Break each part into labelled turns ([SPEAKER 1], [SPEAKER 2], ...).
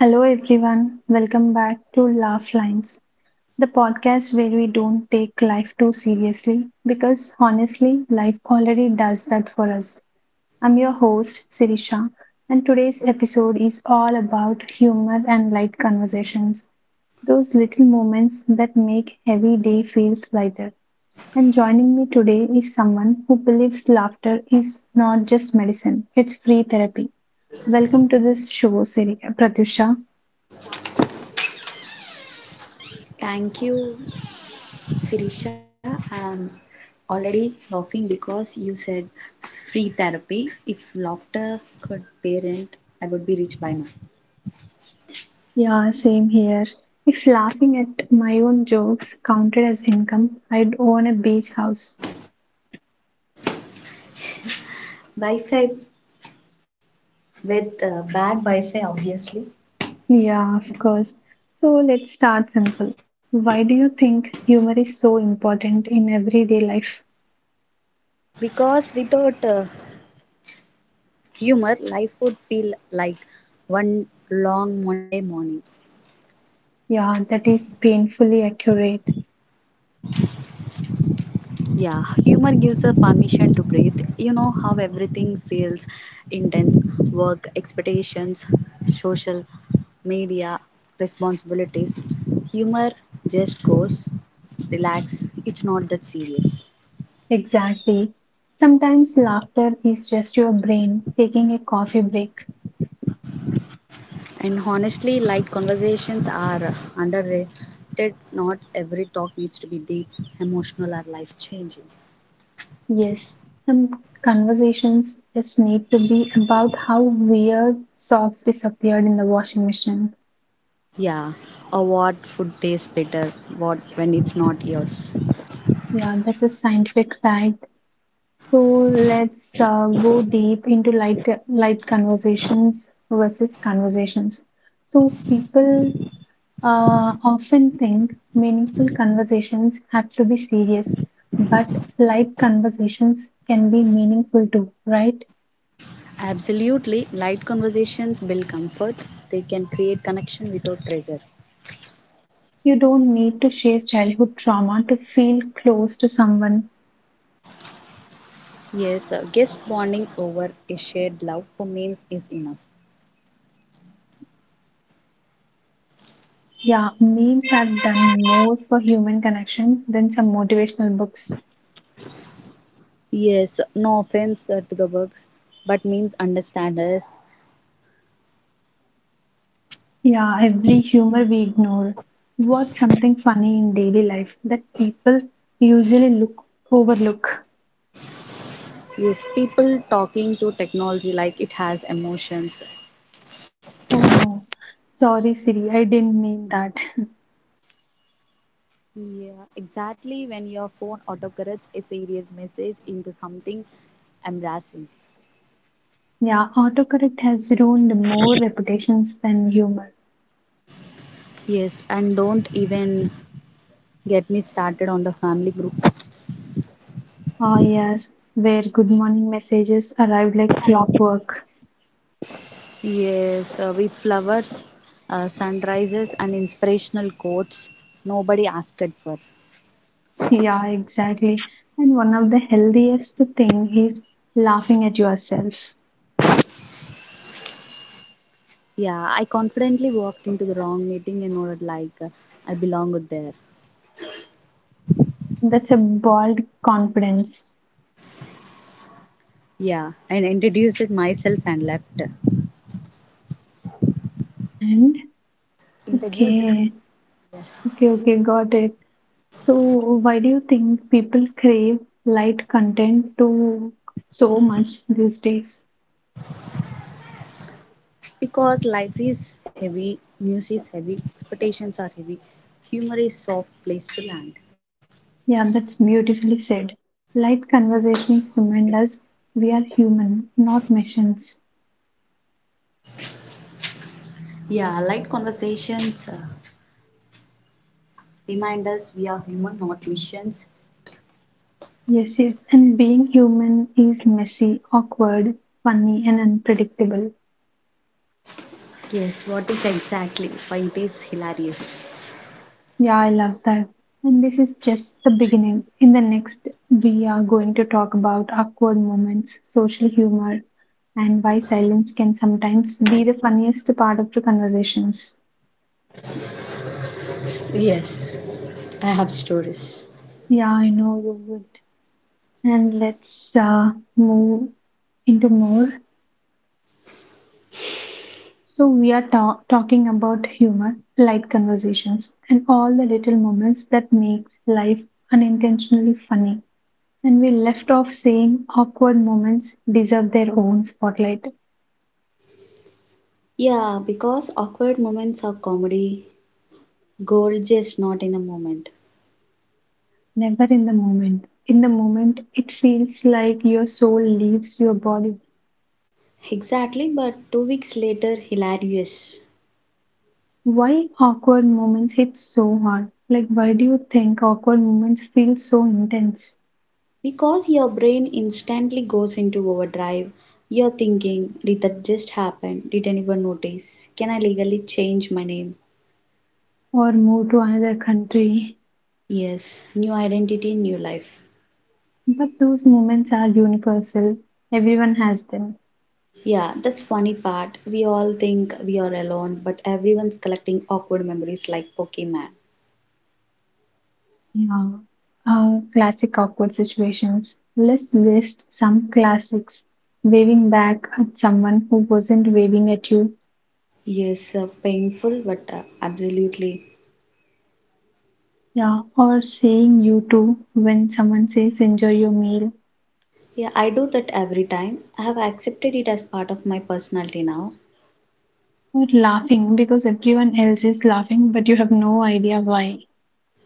[SPEAKER 1] Hello, everyone. Welcome back to Laugh Lines, the podcast where we don't take life too seriously because honestly, life already does that for us. I'm your host, Sirisha, and today's episode is all about humor and light conversations, those little moments that make every day feels lighter. And joining me today is someone who believes laughter is not just medicine, it's free therapy. Welcome to this show, Siri Pratyusha.
[SPEAKER 2] Thank you, Sirisha. I'm already laughing because you said free therapy. If laughter could parent, I would be rich by now.
[SPEAKER 1] Yeah, same here. If laughing at my own jokes counted as income, I'd own a beach house.
[SPEAKER 2] Wi-Fi with bad Wi-Fi, obviously.
[SPEAKER 1] Yeah, of course. So let's start simple. Why do you think humor is so important in everyday life?
[SPEAKER 2] Because without humor, life would feel like one long Monday morning.
[SPEAKER 1] Yeah, that is painfully accurate.
[SPEAKER 2] Yeah, humor gives a permission to breathe. You know how everything feels intense work, expectations, social media, responsibilities. Humor just goes, relax, it's not that serious.
[SPEAKER 1] Exactly. Sometimes laughter is just your brain taking a coffee break.
[SPEAKER 2] And honestly, light conversations are underrated. Not every talk needs to be deep, emotional, or life changing.
[SPEAKER 1] Yes, some conversations just need to be about how weird socks disappeared in the washing machine.
[SPEAKER 2] Yeah, or what food tastes better, what when it's not yours.
[SPEAKER 1] Yeah, that's a scientific fact. So let's go deep into light conversations versus conversations. So people often think meaningful conversations have to be serious, but light conversations can be meaningful too, right?
[SPEAKER 2] Absolutely. Light conversations build comfort. They can create connection without pressure.
[SPEAKER 1] You don't need to share childhood trauma to feel close to someone.
[SPEAKER 2] Yes, guest bonding over a shared love for memes is enough.
[SPEAKER 1] Yeah, memes have done more for human connection than some motivational books.
[SPEAKER 2] Yes, no offense to the works, but memes understand us.
[SPEAKER 1] Yeah, every humor we ignore. What's something funny in daily life that people usually look overlook?
[SPEAKER 2] Yes, people talking to technology like it has emotions.
[SPEAKER 1] Oh no, sorry Siri, I didn't mean that.
[SPEAKER 2] Yeah, exactly. When your phone autocorrects its idiot message into something embarrassing.
[SPEAKER 1] Yeah, autocorrect has ruined more reputations than humor.
[SPEAKER 2] Yes, and don't even get me started on the family group.
[SPEAKER 1] Ah yes, where good morning messages arrive like clockwork.
[SPEAKER 2] Yes, with flowers, sunrises, and inspirational quotes nobody asked for.
[SPEAKER 1] Yeah, exactly. And one of the healthiest thing is laughing at yourself.
[SPEAKER 2] Yeah, I confidently walked into the wrong meeting and nodded like I belong there.
[SPEAKER 1] That's a bold confidence.
[SPEAKER 2] Yeah, and introduced myself and left.
[SPEAKER 1] And
[SPEAKER 2] Introduce.
[SPEAKER 1] okay.
[SPEAKER 2] Yes,
[SPEAKER 1] Okay, okay, got it. So, why do you think people crave light content to so much these days?
[SPEAKER 2] because life is heavy, news is heavy, expectations are heavy, humor is soft place to land.
[SPEAKER 1] Yeah, that's beautifully said. Light conversations remind us we are human, not machines.
[SPEAKER 2] Yeah, light conversations remind us we are human, not missions.
[SPEAKER 1] Yes, yes, and being human is messy, awkward, funny, and unpredictable.
[SPEAKER 2] Yes, what if exactly? Why it is hilarious.
[SPEAKER 1] Yeah, I love that. And this is just the beginning. In the next, we are going to talk about awkward moments, social humor, and why silence can sometimes be the funniest part of the conversations.
[SPEAKER 2] Yes, I have stories.
[SPEAKER 1] Yeah, I know you would. And let's move into more. So, we are talking about humor, light conversations, and all the little moments that makes life unintentionally funny. And we left off saying awkward moments deserve their own spotlight.
[SPEAKER 2] Yeah, because awkward moments are comedy, gold just not in the moment.
[SPEAKER 1] Never in the moment. In the moment, it feels like your soul leaves your body.
[SPEAKER 2] Exactly, but 2 weeks later, hilarious.
[SPEAKER 1] Why awkward moments hit so hard? Like, why do you think awkward moments feel so intense?
[SPEAKER 2] Because your brain instantly goes into overdrive. You're thinking, did that just happen? Did anyone notice? Can I legally change my name?
[SPEAKER 1] Or move to another country?
[SPEAKER 2] Yes, new identity, new life.
[SPEAKER 1] But those moments are universal. Everyone has them.
[SPEAKER 2] Yeah, that's funny part. We all think we are alone, but everyone's collecting awkward memories like Pokemon.
[SPEAKER 1] Yeah. Classic awkward situations. Let's list some classics. Waving back at someone who wasn't waving at you.
[SPEAKER 2] Yes, painful, but absolutely.
[SPEAKER 1] Yeah. Or saying you too when someone says enjoy your meal.
[SPEAKER 2] Yeah, I do that every time. I have accepted it as part of my personality now.
[SPEAKER 1] Or laughing because everyone else is laughing but you have no idea why.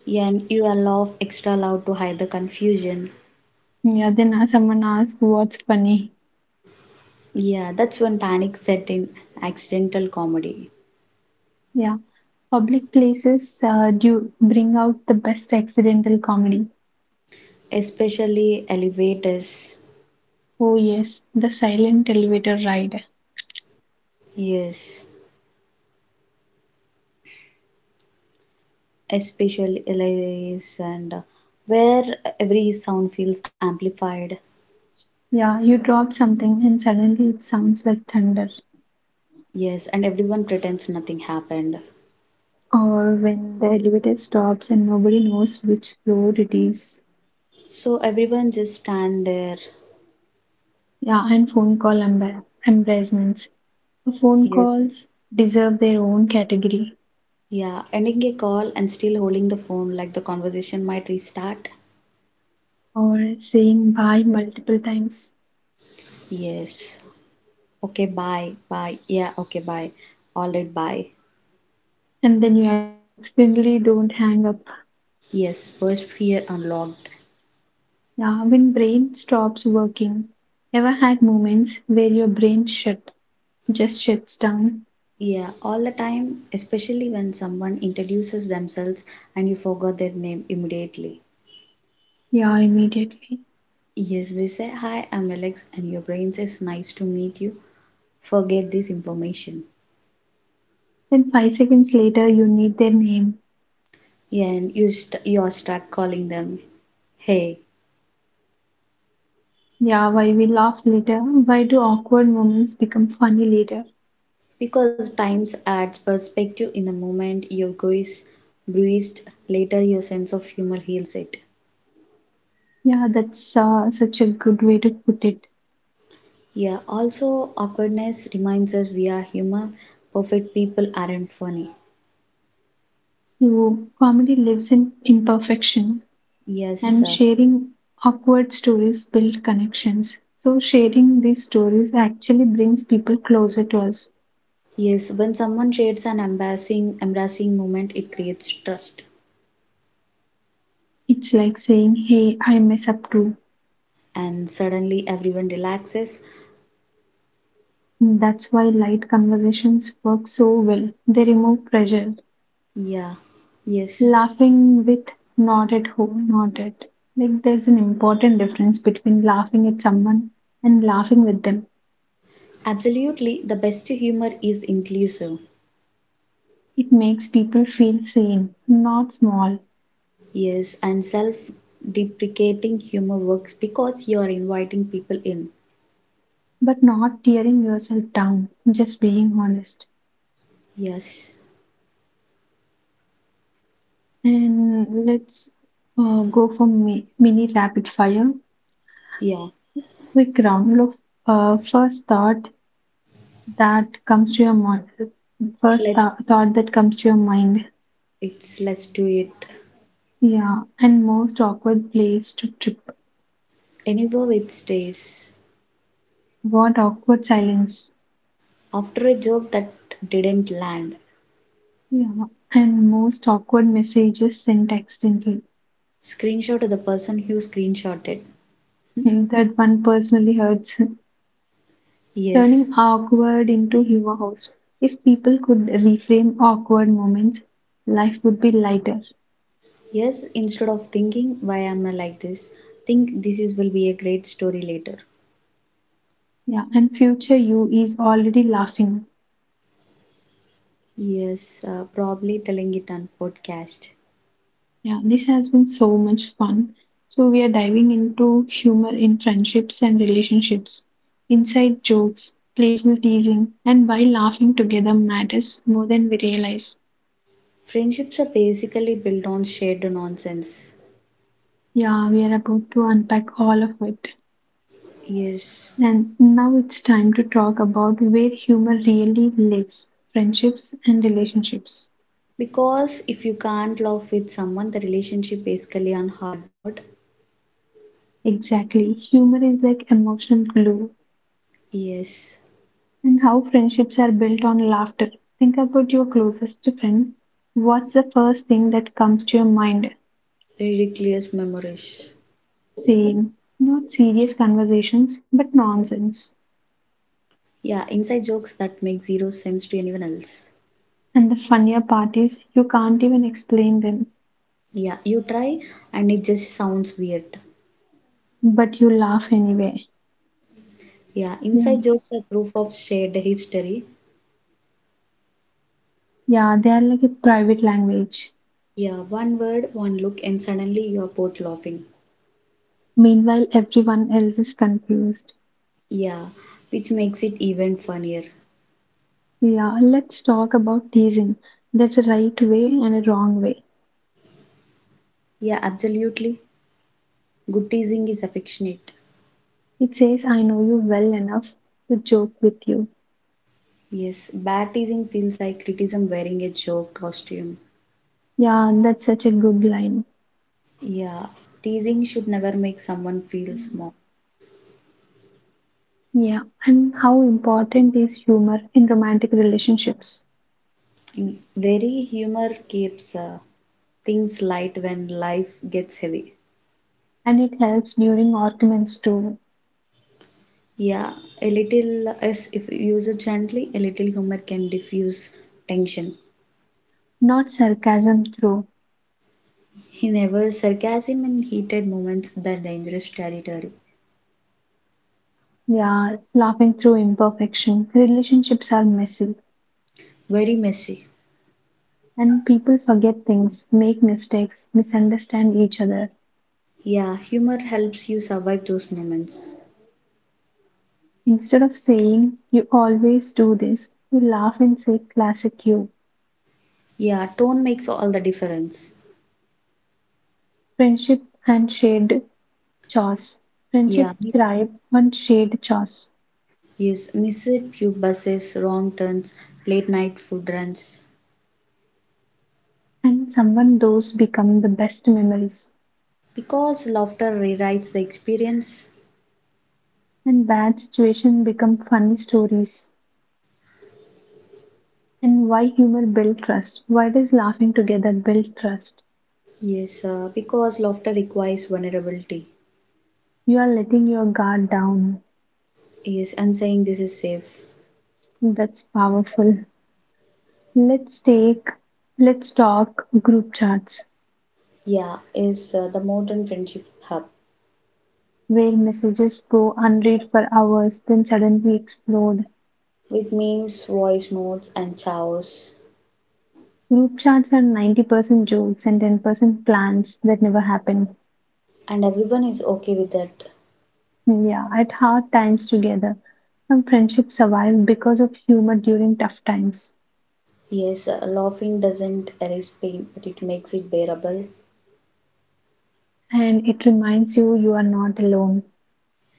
[SPEAKER 2] Yeah, and you laugh extra loud to hide the confusion.
[SPEAKER 1] Yeah. Then someone asks what's funny.
[SPEAKER 2] Yeah, that's when panic set in accidental comedy,
[SPEAKER 1] Yeah. Public places do bring out the best accidental comedy.
[SPEAKER 2] especially elevators.
[SPEAKER 1] Oh, yes, the silent elevator ride.
[SPEAKER 2] Yes, especially elevators and where every sound feels amplified.
[SPEAKER 1] Yeah, you drop something and suddenly it sounds like thunder.
[SPEAKER 2] Yes, and everyone pretends nothing happened.
[SPEAKER 1] Or when the elevator stops and nobody knows which floor it is.
[SPEAKER 2] So everyone just stand there.
[SPEAKER 1] Yeah, and phone call embarrassments. Phone
[SPEAKER 2] Yes.
[SPEAKER 1] calls deserve their own category.
[SPEAKER 2] Yeah, ending a call and still holding the phone like the conversation might restart.
[SPEAKER 1] Or saying bye multiple times
[SPEAKER 2] Yes. Okay, bye. Bye. Yeah, okay, bye. All right, bye.
[SPEAKER 1] and then you accidentally don't hang up.
[SPEAKER 2] Yes, first fear unlocked.
[SPEAKER 1] Yeah, when brain stops working. Ever had moments where your brain shut just shuts down?
[SPEAKER 2] Yeah, all the time, especially when someone introduces themselves and you forgot their name immediately.
[SPEAKER 1] Yeah, immediately.
[SPEAKER 2] Yes, they say, Hi, I'm Alex, and your brain says, Nice to meet you. Forget this information.
[SPEAKER 1] Then 5 seconds later you need their name.
[SPEAKER 2] Yeah, and you are stuck calling them hey.
[SPEAKER 1] Yeah, why we laugh later? Why do awkward moments become funny later?
[SPEAKER 2] Because times adds perspective. In the moment your go is bruised, later your sense of humor heals it.
[SPEAKER 1] Yeah, that's such a good way to put it.
[SPEAKER 2] Yeah, also awkwardness reminds us we are human. Perfect people aren't funny.
[SPEAKER 1] So, comedy lives in imperfection,
[SPEAKER 2] Yes
[SPEAKER 1] and
[SPEAKER 2] sir.
[SPEAKER 1] sharing awkward stories build connections. So, sharing these stories actually brings people closer to us.
[SPEAKER 2] Yes, when someone shares an embarrassing moment, it creates trust.
[SPEAKER 1] It's like saying, Hey, I mess up too.
[SPEAKER 2] And suddenly everyone relaxes.
[SPEAKER 1] That's why light conversations work so well. They remove pressure.
[SPEAKER 2] Yeah. Yes.
[SPEAKER 1] Laughing with not at home, not at. Like there's an important difference between laughing at someone and laughing with them.
[SPEAKER 2] Absolutely, the best humor is inclusive.
[SPEAKER 1] It makes people feel sane, not small,
[SPEAKER 2] Yes, and self deprecating humor works because you're inviting people in.
[SPEAKER 1] but not tearing yourself down, just being honest.
[SPEAKER 2] Yes.
[SPEAKER 1] And let's go for mini rapid fire.
[SPEAKER 2] Yeah.
[SPEAKER 1] Quick round of first thought that comes to your mind. First
[SPEAKER 2] Let's
[SPEAKER 1] thought that comes to your mind.
[SPEAKER 2] let's do it.
[SPEAKER 1] Yeah, and most awkward place to trip.
[SPEAKER 2] Anywhere it stays.
[SPEAKER 1] What awkward silence.
[SPEAKER 2] After a joke that didn't land.
[SPEAKER 1] Yeah. And most awkward messages sent accidentally.
[SPEAKER 2] Screenshot of the person who screenshotted.
[SPEAKER 1] Hmm, that one personally hurts.
[SPEAKER 2] Yes.
[SPEAKER 1] Turning awkward into humor host. If people could reframe awkward moments, life would be lighter.
[SPEAKER 2] Yes, instead of thinking why am I like this, think this is will be a great story later.
[SPEAKER 1] Yeah. And future you is already laughing.
[SPEAKER 2] Yes, probably telling it on podcast.
[SPEAKER 1] Yeah. This has been so much fun. So we are diving into humor in friendships and relationships. Inside jokes, playful teasing, and why laughing together matters more than we realize.
[SPEAKER 2] Friendships are basically built on shared nonsense.
[SPEAKER 1] Yeah, we are about to unpack all of it.
[SPEAKER 2] Yes.
[SPEAKER 1] And now it's time to talk about where humor really lives friendships and relationships.
[SPEAKER 2] Because if you can't love with someone, the relationship basically on hard mode.
[SPEAKER 1] Exactly. Humor is like emotional glue,
[SPEAKER 2] Yes,
[SPEAKER 1] and how friendships are built on laughter. Think about your closest friend. What's the first thing that comes to your mind?
[SPEAKER 2] ridiculous memories.
[SPEAKER 1] Same. Not serious conversations, but nonsense.
[SPEAKER 2] Yeah, inside jokes that make zero sense to anyone else.
[SPEAKER 1] And the funnier part is you can't even explain them,
[SPEAKER 2] Yeah, you try and it just sounds weird.
[SPEAKER 1] but you laugh anyway.
[SPEAKER 2] Yeah,
[SPEAKER 1] Yeah.
[SPEAKER 2] inside jokes are proof of shared history.
[SPEAKER 1] Yeah, they are like a private language.
[SPEAKER 2] Yeah, one word, one look, and suddenly you are both laughing.
[SPEAKER 1] Meanwhile, everyone else is confused.
[SPEAKER 2] Yeah, which makes it even funnier.
[SPEAKER 1] Yeah, let's talk about teasing. There's a right way and a wrong way.
[SPEAKER 2] Yeah, absolutely. Good teasing is affectionate.
[SPEAKER 1] It says, I know you well enough to joke with you.
[SPEAKER 2] Yes, bad teasing feels like criticism wearing a joke costume.
[SPEAKER 1] Yeah, that's such a good line.
[SPEAKER 2] Yeah, teasing should never make someone feel small.
[SPEAKER 1] Yeah, and how important is humor in romantic relationships?
[SPEAKER 2] Very humor keeps things light when life gets heavy.
[SPEAKER 1] And it helps during arguments too,
[SPEAKER 2] Yeah, a little, as if used gently, a little humor can diffuse tension.
[SPEAKER 1] not sarcasm through.
[SPEAKER 2] He never sarcasm in heated moments the dangerous territory.
[SPEAKER 1] Yeah, laughing through imperfection. Relationships are messy.
[SPEAKER 2] Very messy.
[SPEAKER 1] And people forget things, make mistakes, misunderstand each other.
[SPEAKER 2] Yeah, humor helps you survive those moments.
[SPEAKER 1] Instead of saying, you always do this, you laugh and say, classic you.
[SPEAKER 2] Yeah, tone makes all the difference.
[SPEAKER 1] Friendship and shared chores. Friendship
[SPEAKER 2] Yeah,
[SPEAKER 1] thrive on shared chores.
[SPEAKER 2] yes, missed tube buses, wrong turns, late night food runs.
[SPEAKER 1] And someone those become the best memories.
[SPEAKER 2] Because laughter rewrites the experience.
[SPEAKER 1] And bad situations become funny stories. And why humor build trust? Why does laughing together build trust?
[SPEAKER 2] Yes, because laughter requires vulnerability.
[SPEAKER 1] You are letting your guard down.
[SPEAKER 2] Yes, I'm saying this is safe.
[SPEAKER 1] That's powerful. Let's take, let's talk group chats
[SPEAKER 2] Yeah, is the modern friendship hub
[SPEAKER 1] where messages go unread for hours, then suddenly explode.
[SPEAKER 2] with memes, voice notes, and chows.
[SPEAKER 1] Group chats are 90% jokes and 10% plans that never happen.
[SPEAKER 2] And everyone is okay with that.
[SPEAKER 1] Yeah, at hard times together, some friendships survive because of humor during tough times.
[SPEAKER 2] Yes, laughing doesn't erase pain, but it makes it bearable.
[SPEAKER 1] And it reminds you you are not alone.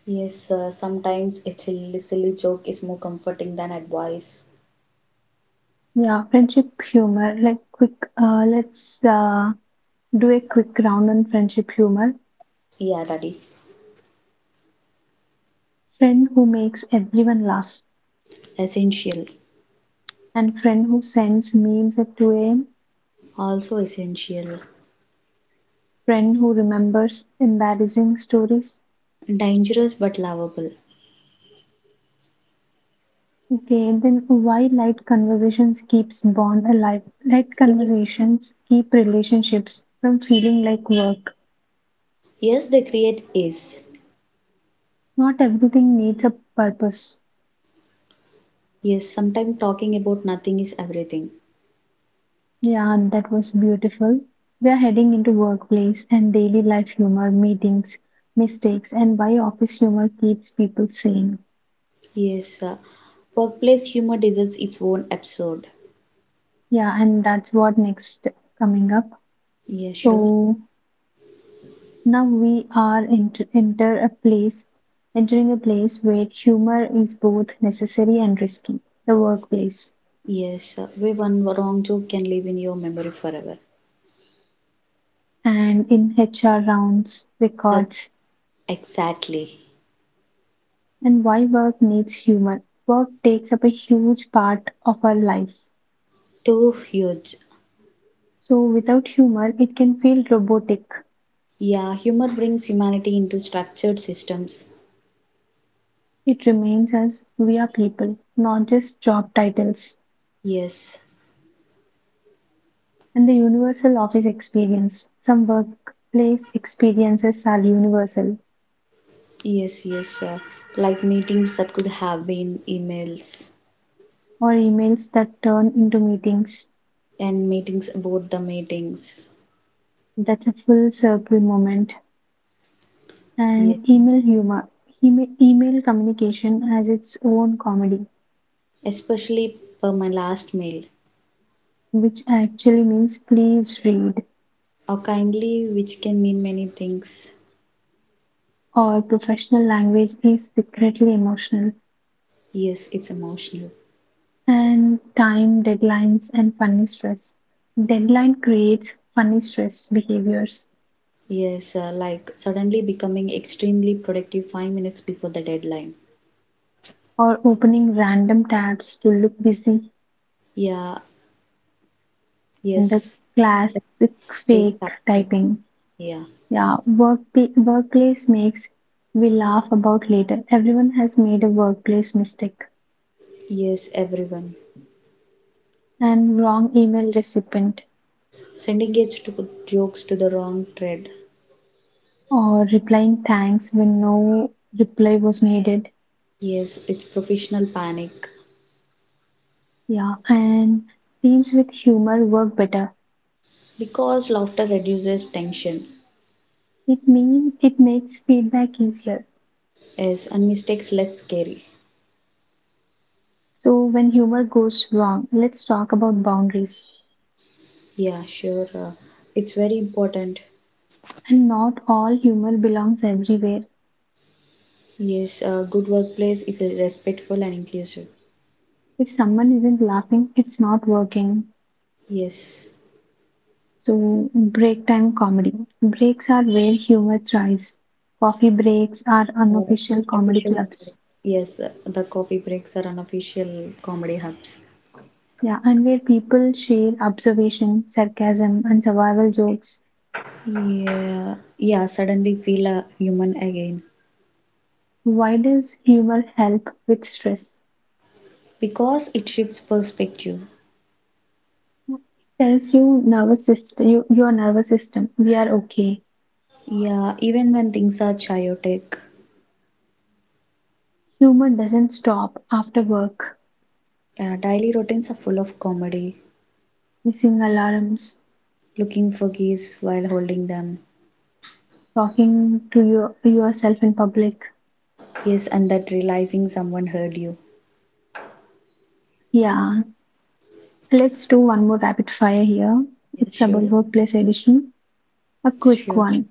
[SPEAKER 2] Yes, sometimes a chill, silly joke is more comforting than advice.
[SPEAKER 1] Yeah, friendship humor. Like quick, let's do a quick round on friendship humor.
[SPEAKER 2] Yeah, Daddy.
[SPEAKER 1] Friend who makes everyone laugh.
[SPEAKER 2] Essential.
[SPEAKER 1] And friend who sends memes at 2 a.m.,
[SPEAKER 2] Also essential.
[SPEAKER 1] friend who remembers embarrassing stories.
[SPEAKER 2] Dangerous but lovable.
[SPEAKER 1] Okay, then why light conversations keeps bond alive? Light
[SPEAKER 2] Like,
[SPEAKER 1] conversations keep relationships from feeling like work.
[SPEAKER 2] yes, they create is.
[SPEAKER 1] Not everything needs a purpose.
[SPEAKER 2] Yes, sometimes talking about nothing is everything.
[SPEAKER 1] Yeah, that was beautiful. We are heading into workplace and daily life humor, meetings, mistakes, and why office humor keeps people sane.
[SPEAKER 2] Yes, workplace humor deserves its own episode.
[SPEAKER 1] Yeah, and that's what next coming up.
[SPEAKER 2] Yeah, sure.
[SPEAKER 1] So now we are entering a place where humor is both necessary and risky, the workplace.
[SPEAKER 2] Yes, where one wrong joke can live in your memory forever.
[SPEAKER 1] And in HR rounds,
[SPEAKER 2] That's
[SPEAKER 1] records,
[SPEAKER 2] exactly.
[SPEAKER 1] and why work needs humor. Work takes up a huge part of our lives.
[SPEAKER 2] Too huge.
[SPEAKER 1] So without humor, it can feel robotic.
[SPEAKER 2] Yeah, humor brings humanity into structured systems.
[SPEAKER 1] It remains as we are people, not just job titles.
[SPEAKER 2] Yes,
[SPEAKER 1] And the universal office experience. Some workplace experiences are universal
[SPEAKER 2] Yes, yes, like meetings that could have been emails
[SPEAKER 1] or emails that turn into meetings.
[SPEAKER 2] and meetings about the meetings.
[SPEAKER 1] That's a full circle moment.
[SPEAKER 2] Yes,
[SPEAKER 1] And email humor. Email communication has its own comedy,
[SPEAKER 2] especially per my last mail
[SPEAKER 1] which actually means please read,
[SPEAKER 2] or kindly, which can mean many things.
[SPEAKER 1] or professional language is secretly emotional.
[SPEAKER 2] Yes, it's emotional.
[SPEAKER 1] And time, deadlines, and funny stress. Deadline creates funny stress behaviors,
[SPEAKER 2] Yes, like suddenly becoming extremely productive 5 minutes before the deadline.
[SPEAKER 1] or opening random tabs to look busy,
[SPEAKER 2] Yeah,
[SPEAKER 1] and the
[SPEAKER 2] yes,
[SPEAKER 1] classic
[SPEAKER 2] that's fake
[SPEAKER 1] fake
[SPEAKER 2] tactic.
[SPEAKER 1] typing.
[SPEAKER 2] Yeah,
[SPEAKER 1] Yeah, workplace makes we laugh about later. Everyone has made a workplace mistake
[SPEAKER 2] yes, everyone
[SPEAKER 1] and wrong email recipient
[SPEAKER 2] sending it to jokes to the wrong thread.
[SPEAKER 1] or replying thanks when no reply was needed.
[SPEAKER 2] Yes, it's professional panic.
[SPEAKER 1] Yeah, and teams with humor work better.
[SPEAKER 2] Because laughter reduces tension
[SPEAKER 1] It mean it makes feedback easier.
[SPEAKER 2] is and mistakes less scary.
[SPEAKER 1] So when humor goes wrong, let's talk about boundaries.
[SPEAKER 2] Yeah, sure. It's very important.
[SPEAKER 1] And not all humor belongs everywhere.
[SPEAKER 2] Yes, a good workplace is respectful and inclusive.
[SPEAKER 1] If someone isn't laughing, it's not working.
[SPEAKER 2] Yes,
[SPEAKER 1] So, break time comedy. Breaks are where humor thrives. Coffee breaks are
[SPEAKER 2] or
[SPEAKER 1] unofficial comedy
[SPEAKER 2] official comedy.
[SPEAKER 1] clubs.
[SPEAKER 2] Yes, the coffee breaks are unofficial comedy hubs.
[SPEAKER 1] Yeah, and where people share observation, sarcasm, and survival jokes.
[SPEAKER 2] Yeah, yeah, suddenly feel a human again
[SPEAKER 1] Why does humor help with stress?
[SPEAKER 2] because it shifts perspective.
[SPEAKER 1] Tells you nervous system, you, your nervous system, we are okay.
[SPEAKER 2] Yeah, even when things are chaotic,
[SPEAKER 1] Humor doesn't stop after work,
[SPEAKER 2] yeah, daily routines are full of comedy.
[SPEAKER 1] missing alarms,
[SPEAKER 2] Looking for keys while holding them.
[SPEAKER 1] talking to yourself in public.
[SPEAKER 2] Yes, and that realizing someone heard you.
[SPEAKER 1] Yeah, let's do one more rapid fire here.
[SPEAKER 2] Yes,
[SPEAKER 1] It's about
[SPEAKER 2] sure.
[SPEAKER 1] workplace edition. A
[SPEAKER 2] Sure.
[SPEAKER 1] quick one.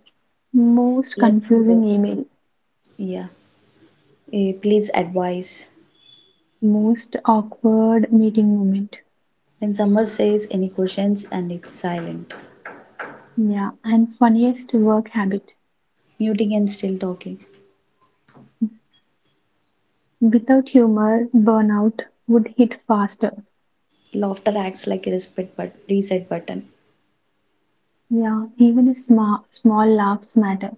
[SPEAKER 1] Most
[SPEAKER 2] Let's
[SPEAKER 1] confusing
[SPEAKER 2] go.
[SPEAKER 1] email,
[SPEAKER 2] Yeah. Please advise.
[SPEAKER 1] most awkward meeting moment.
[SPEAKER 2] When someone says any questions and it's silent,
[SPEAKER 1] Yeah, and funniest work habit.
[SPEAKER 2] muting and still talking.
[SPEAKER 1] Without humor, burnout would hit faster.
[SPEAKER 2] Laughter acts like a respect but reset button.
[SPEAKER 1] Yeah, even a small laughs matter.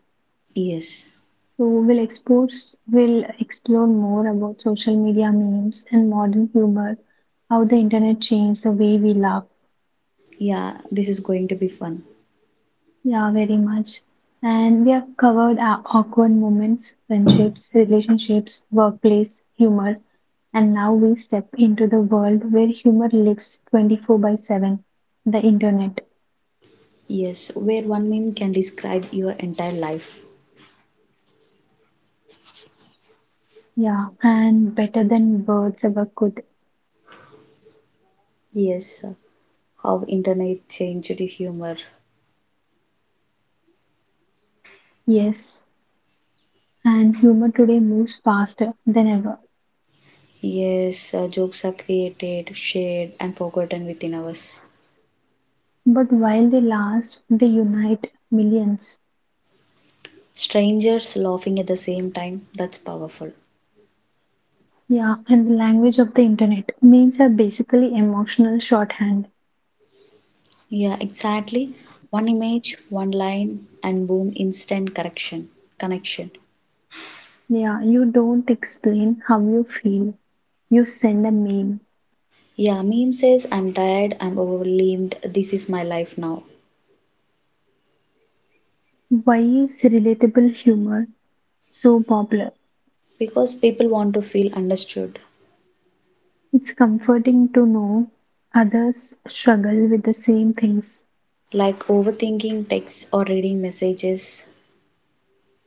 [SPEAKER 2] Yes.
[SPEAKER 1] So we'll explore more about social media memes and modern humor, how the internet changed the way we laugh.
[SPEAKER 2] Yeah, this is going to be fun.
[SPEAKER 1] Yeah, very much. And we have covered our awkward moments, friendships, relationships, workplace, humor. And now we step into the world where humor lives 24 by 7, the internet.
[SPEAKER 2] Yes, where one meme can describe your entire life.
[SPEAKER 1] Yeah, and better than words ever could.
[SPEAKER 2] Yes, how internet changed humor.
[SPEAKER 1] Yes, and humor today moves faster than ever.
[SPEAKER 2] Yes, jokes are created, shared, and forgotten within hours.
[SPEAKER 1] But while they last, they unite millions.
[SPEAKER 2] Strangers laughing at the same time, that's powerful.
[SPEAKER 1] Yeah, and the language of the internet. Memes are basically emotional shorthand.
[SPEAKER 2] Yeah, exactly. One image, one line, and boom, instant correction, connection.
[SPEAKER 1] Yeah, you don't explain how you feel. You send a meme.
[SPEAKER 2] Yeah, meme says, I'm tired, I'm overwhelmed, this is my life now.
[SPEAKER 1] Why is relatable humor so popular?
[SPEAKER 2] Because people want to feel understood.
[SPEAKER 1] It's comforting to know others struggle with the same things
[SPEAKER 2] Like overthinking texts or reading messages.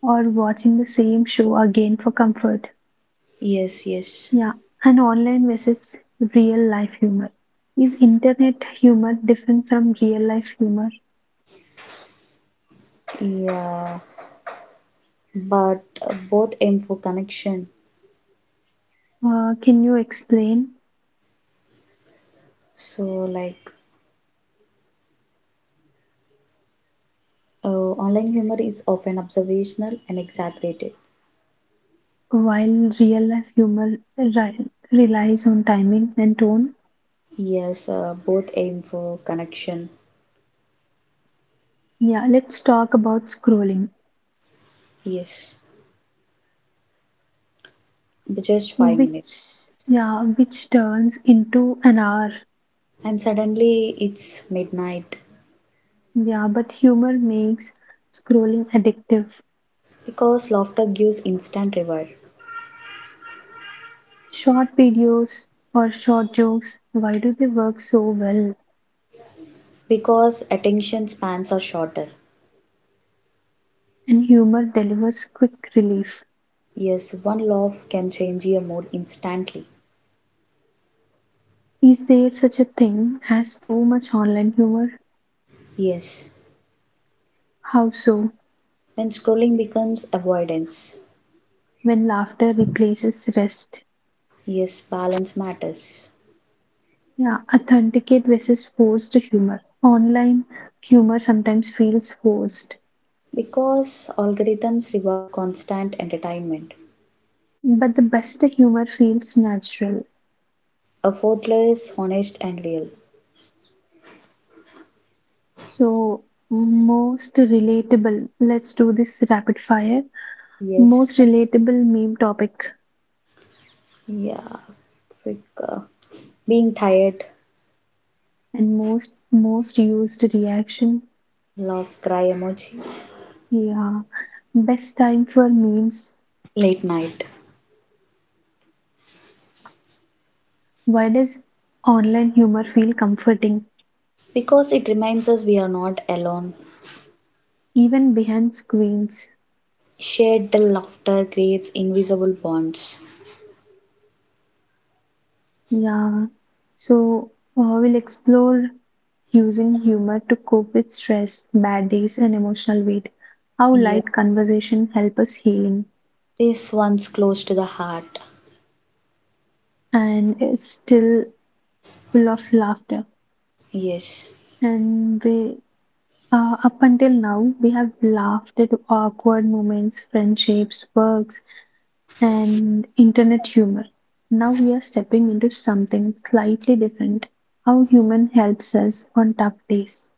[SPEAKER 1] or watching the same show again for comfort.
[SPEAKER 2] Yes, yes.
[SPEAKER 1] Yeah, and online versus real life humor. Is internet humor different from real life humor?
[SPEAKER 2] Yeah, but both aim for connection.
[SPEAKER 1] Can you explain
[SPEAKER 2] So, like, online humor is often observational and exaggerated.
[SPEAKER 1] while real life humor relies on timing and tone?
[SPEAKER 2] Yes, both aim for connection.
[SPEAKER 1] Yeah, let's talk about scrolling,
[SPEAKER 2] Yes, but just 5 minutes.
[SPEAKER 1] which yeah, which turns into an hour.
[SPEAKER 2] And suddenly it's midnight
[SPEAKER 1] Yeah, but humor makes scrolling addictive.
[SPEAKER 2] because laughter gives instant reward.
[SPEAKER 1] Short videos or short jokes, why do they work so well?
[SPEAKER 2] Because attention spans are shorter.
[SPEAKER 1] And humor delivers quick relief.
[SPEAKER 2] Yes, one laugh can change your mood instantly.
[SPEAKER 1] Is there such a thing as too much online humor?
[SPEAKER 2] Yes,
[SPEAKER 1] How so?
[SPEAKER 2] when scrolling becomes avoidance.
[SPEAKER 1] When laughter replaces rest.
[SPEAKER 2] Yes, balance matters.
[SPEAKER 1] Yeah, authenticate versus forced humor. Online humor sometimes feels forced.
[SPEAKER 2] Because algorithms reward constant entertainment.
[SPEAKER 1] But the best humor feels natural,
[SPEAKER 2] A Fotler is honest and real.
[SPEAKER 1] so most relatable. Let's do this rapid fire.
[SPEAKER 2] Yes.
[SPEAKER 1] Most relatable meme topic
[SPEAKER 2] Yeah. Quick. uh, being tired,
[SPEAKER 1] and most used reaction.
[SPEAKER 2] love, cry emoji.
[SPEAKER 1] Yeah, best time for memes.
[SPEAKER 2] Late night.
[SPEAKER 1] Why does online humor feel comforting
[SPEAKER 2] Because it reminds us we are not alone.
[SPEAKER 1] even behind screens?
[SPEAKER 2] Shared laughter creates invisible bonds.
[SPEAKER 1] Yeah, so we'll explore using humor to cope with stress, bad days, and emotional weight. How
[SPEAKER 2] Yeah.
[SPEAKER 1] light conversation help us healing,
[SPEAKER 2] This one's close to the heart.
[SPEAKER 1] and it's still full of laughter.
[SPEAKER 2] Yes.
[SPEAKER 1] And up until now, we have laughed at awkward moments, friendships, works, and internet humor. Now we are stepping into something slightly different. How human helps us on tough days.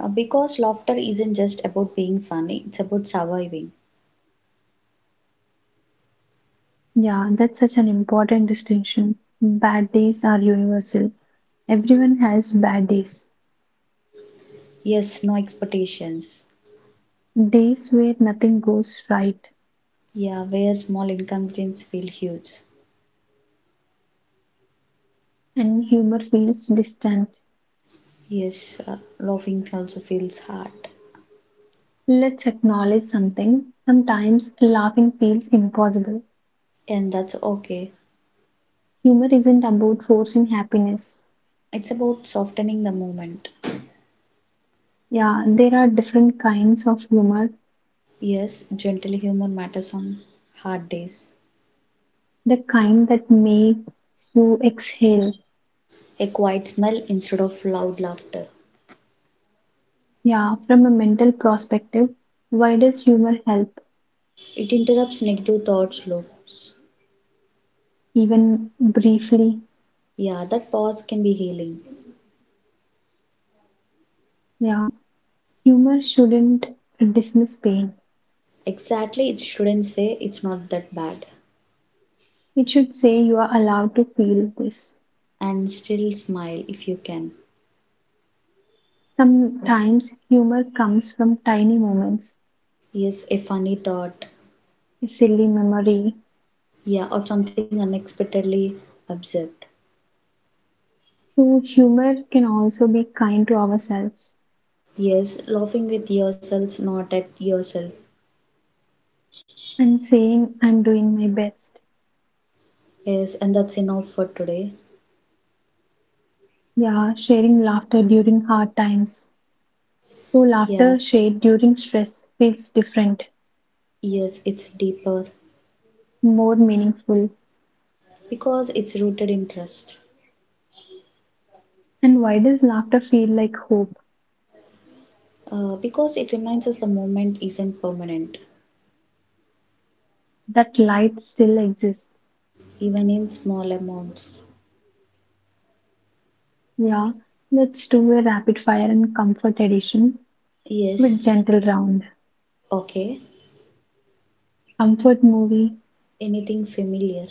[SPEAKER 2] Because laughter isn't just about being funny, it's about surviving.
[SPEAKER 1] Yeah, that's such an important distinction. Bad days are universal. Everyone has bad days,
[SPEAKER 2] Yes, no expectations.
[SPEAKER 1] days where nothing goes right
[SPEAKER 2] Yeah, where small inconvenience feel huge.
[SPEAKER 1] and humor feels distant.
[SPEAKER 2] Yes, laughing also feels hard,
[SPEAKER 1] Let's acknowledge something. Sometimes laughing feels impossible.
[SPEAKER 2] and that's okay.
[SPEAKER 1] Humor isn't about forcing happiness.
[SPEAKER 2] It's about softening the moment.
[SPEAKER 1] Yeah, there are different kinds of humor.
[SPEAKER 2] Yes, gentle humor matters on hard days.
[SPEAKER 1] The kind that makes you exhale.
[SPEAKER 2] A quiet smile instead of loud laughter.
[SPEAKER 1] Yeah, from a mental perspective, why does humor help,
[SPEAKER 2] It interrupts negative thoughts loops.
[SPEAKER 1] even briefly?
[SPEAKER 2] Yeah, that pause can be healing.
[SPEAKER 1] Yeah. Humor shouldn't dismiss pain.
[SPEAKER 2] Exactly, it shouldn't say it's not that bad.
[SPEAKER 1] It should say you are allowed to feel this.
[SPEAKER 2] And still smile if you can.
[SPEAKER 1] Sometimes humor comes from tiny moments,
[SPEAKER 2] Yes, a funny thought.
[SPEAKER 1] a silly memory.
[SPEAKER 2] Yeah, or something unexpectedly absurd.
[SPEAKER 1] So, humor can also be kind to ourselves
[SPEAKER 2] Yes, laughing with yourselves, not at yourself.
[SPEAKER 1] and saying, I'm doing my best.
[SPEAKER 2] Yes, and that's enough for today.
[SPEAKER 1] Yeah, sharing laughter during hard times. So,
[SPEAKER 2] Yes,
[SPEAKER 1] laughter shared during stress feels different,
[SPEAKER 2] yes, it's deeper
[SPEAKER 1] more meaningful.
[SPEAKER 2] because it's rooted in trust.
[SPEAKER 1] And why does laughter feel like hope?
[SPEAKER 2] Because it reminds us the moment isn't permanent,
[SPEAKER 1] That light still exists.
[SPEAKER 2] even in small amounts.
[SPEAKER 1] Yeah, let's do a rapid fire and comfort edition with
[SPEAKER 2] Yes,
[SPEAKER 1] gentle round.
[SPEAKER 2] okay,
[SPEAKER 1] Comfort movie
[SPEAKER 2] anything familiar.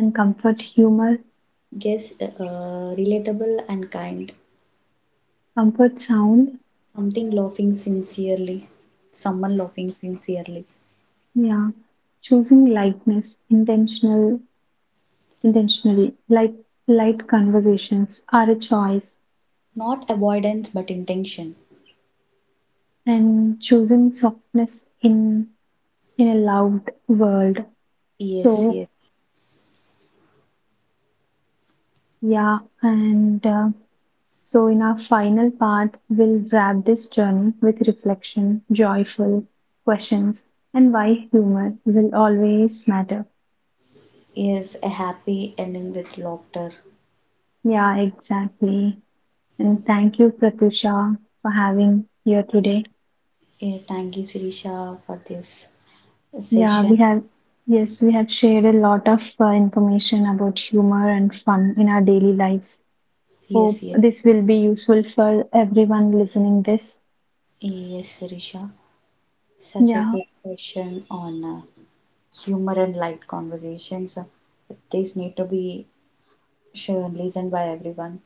[SPEAKER 1] and comfort humor,
[SPEAKER 2] Yes, relatable and kind.
[SPEAKER 1] comfort sound.
[SPEAKER 2] Something laughing sincerely. Someone laughing sincerely.
[SPEAKER 1] Yeah, choosing lightness, intentional, intentionally, like light conversations are a choice,
[SPEAKER 2] Not avoidance but intention.
[SPEAKER 1] and choosing softness in a loud world.
[SPEAKER 2] Yes,
[SPEAKER 1] So
[SPEAKER 2] yes.
[SPEAKER 1] yeah, and So, in our final part, we'll wrap this journey with reflection, joyful questions, and why humor will always matter.
[SPEAKER 2] Is a happy ending with laughter.
[SPEAKER 1] Yeah, exactly. And thank you, Pratusha, for having here today.
[SPEAKER 2] Yeah, thank you, Sirisha, for this
[SPEAKER 1] Yeah,
[SPEAKER 2] session.
[SPEAKER 1] yes, we have shared a lot of information about humor and fun in our daily lives.
[SPEAKER 2] Yes,
[SPEAKER 1] Hope
[SPEAKER 2] yes,
[SPEAKER 1] this will be useful for everyone listening this.
[SPEAKER 2] yes, Sirisha. Such a
[SPEAKER 1] Yeah,
[SPEAKER 2] good session on humor and light conversations. These need to be shown, listened by everyone.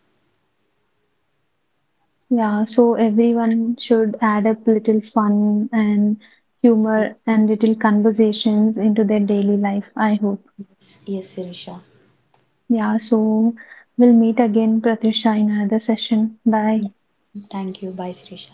[SPEAKER 1] yeah, so everyone should add up little fun and humor and little conversations into their daily life, I hope.
[SPEAKER 2] Yes, yes, Sirisha.
[SPEAKER 1] Yeah, so we'll meet again, Pratisha, in another session. Bye.
[SPEAKER 2] Thank you. Bye, Sirisha.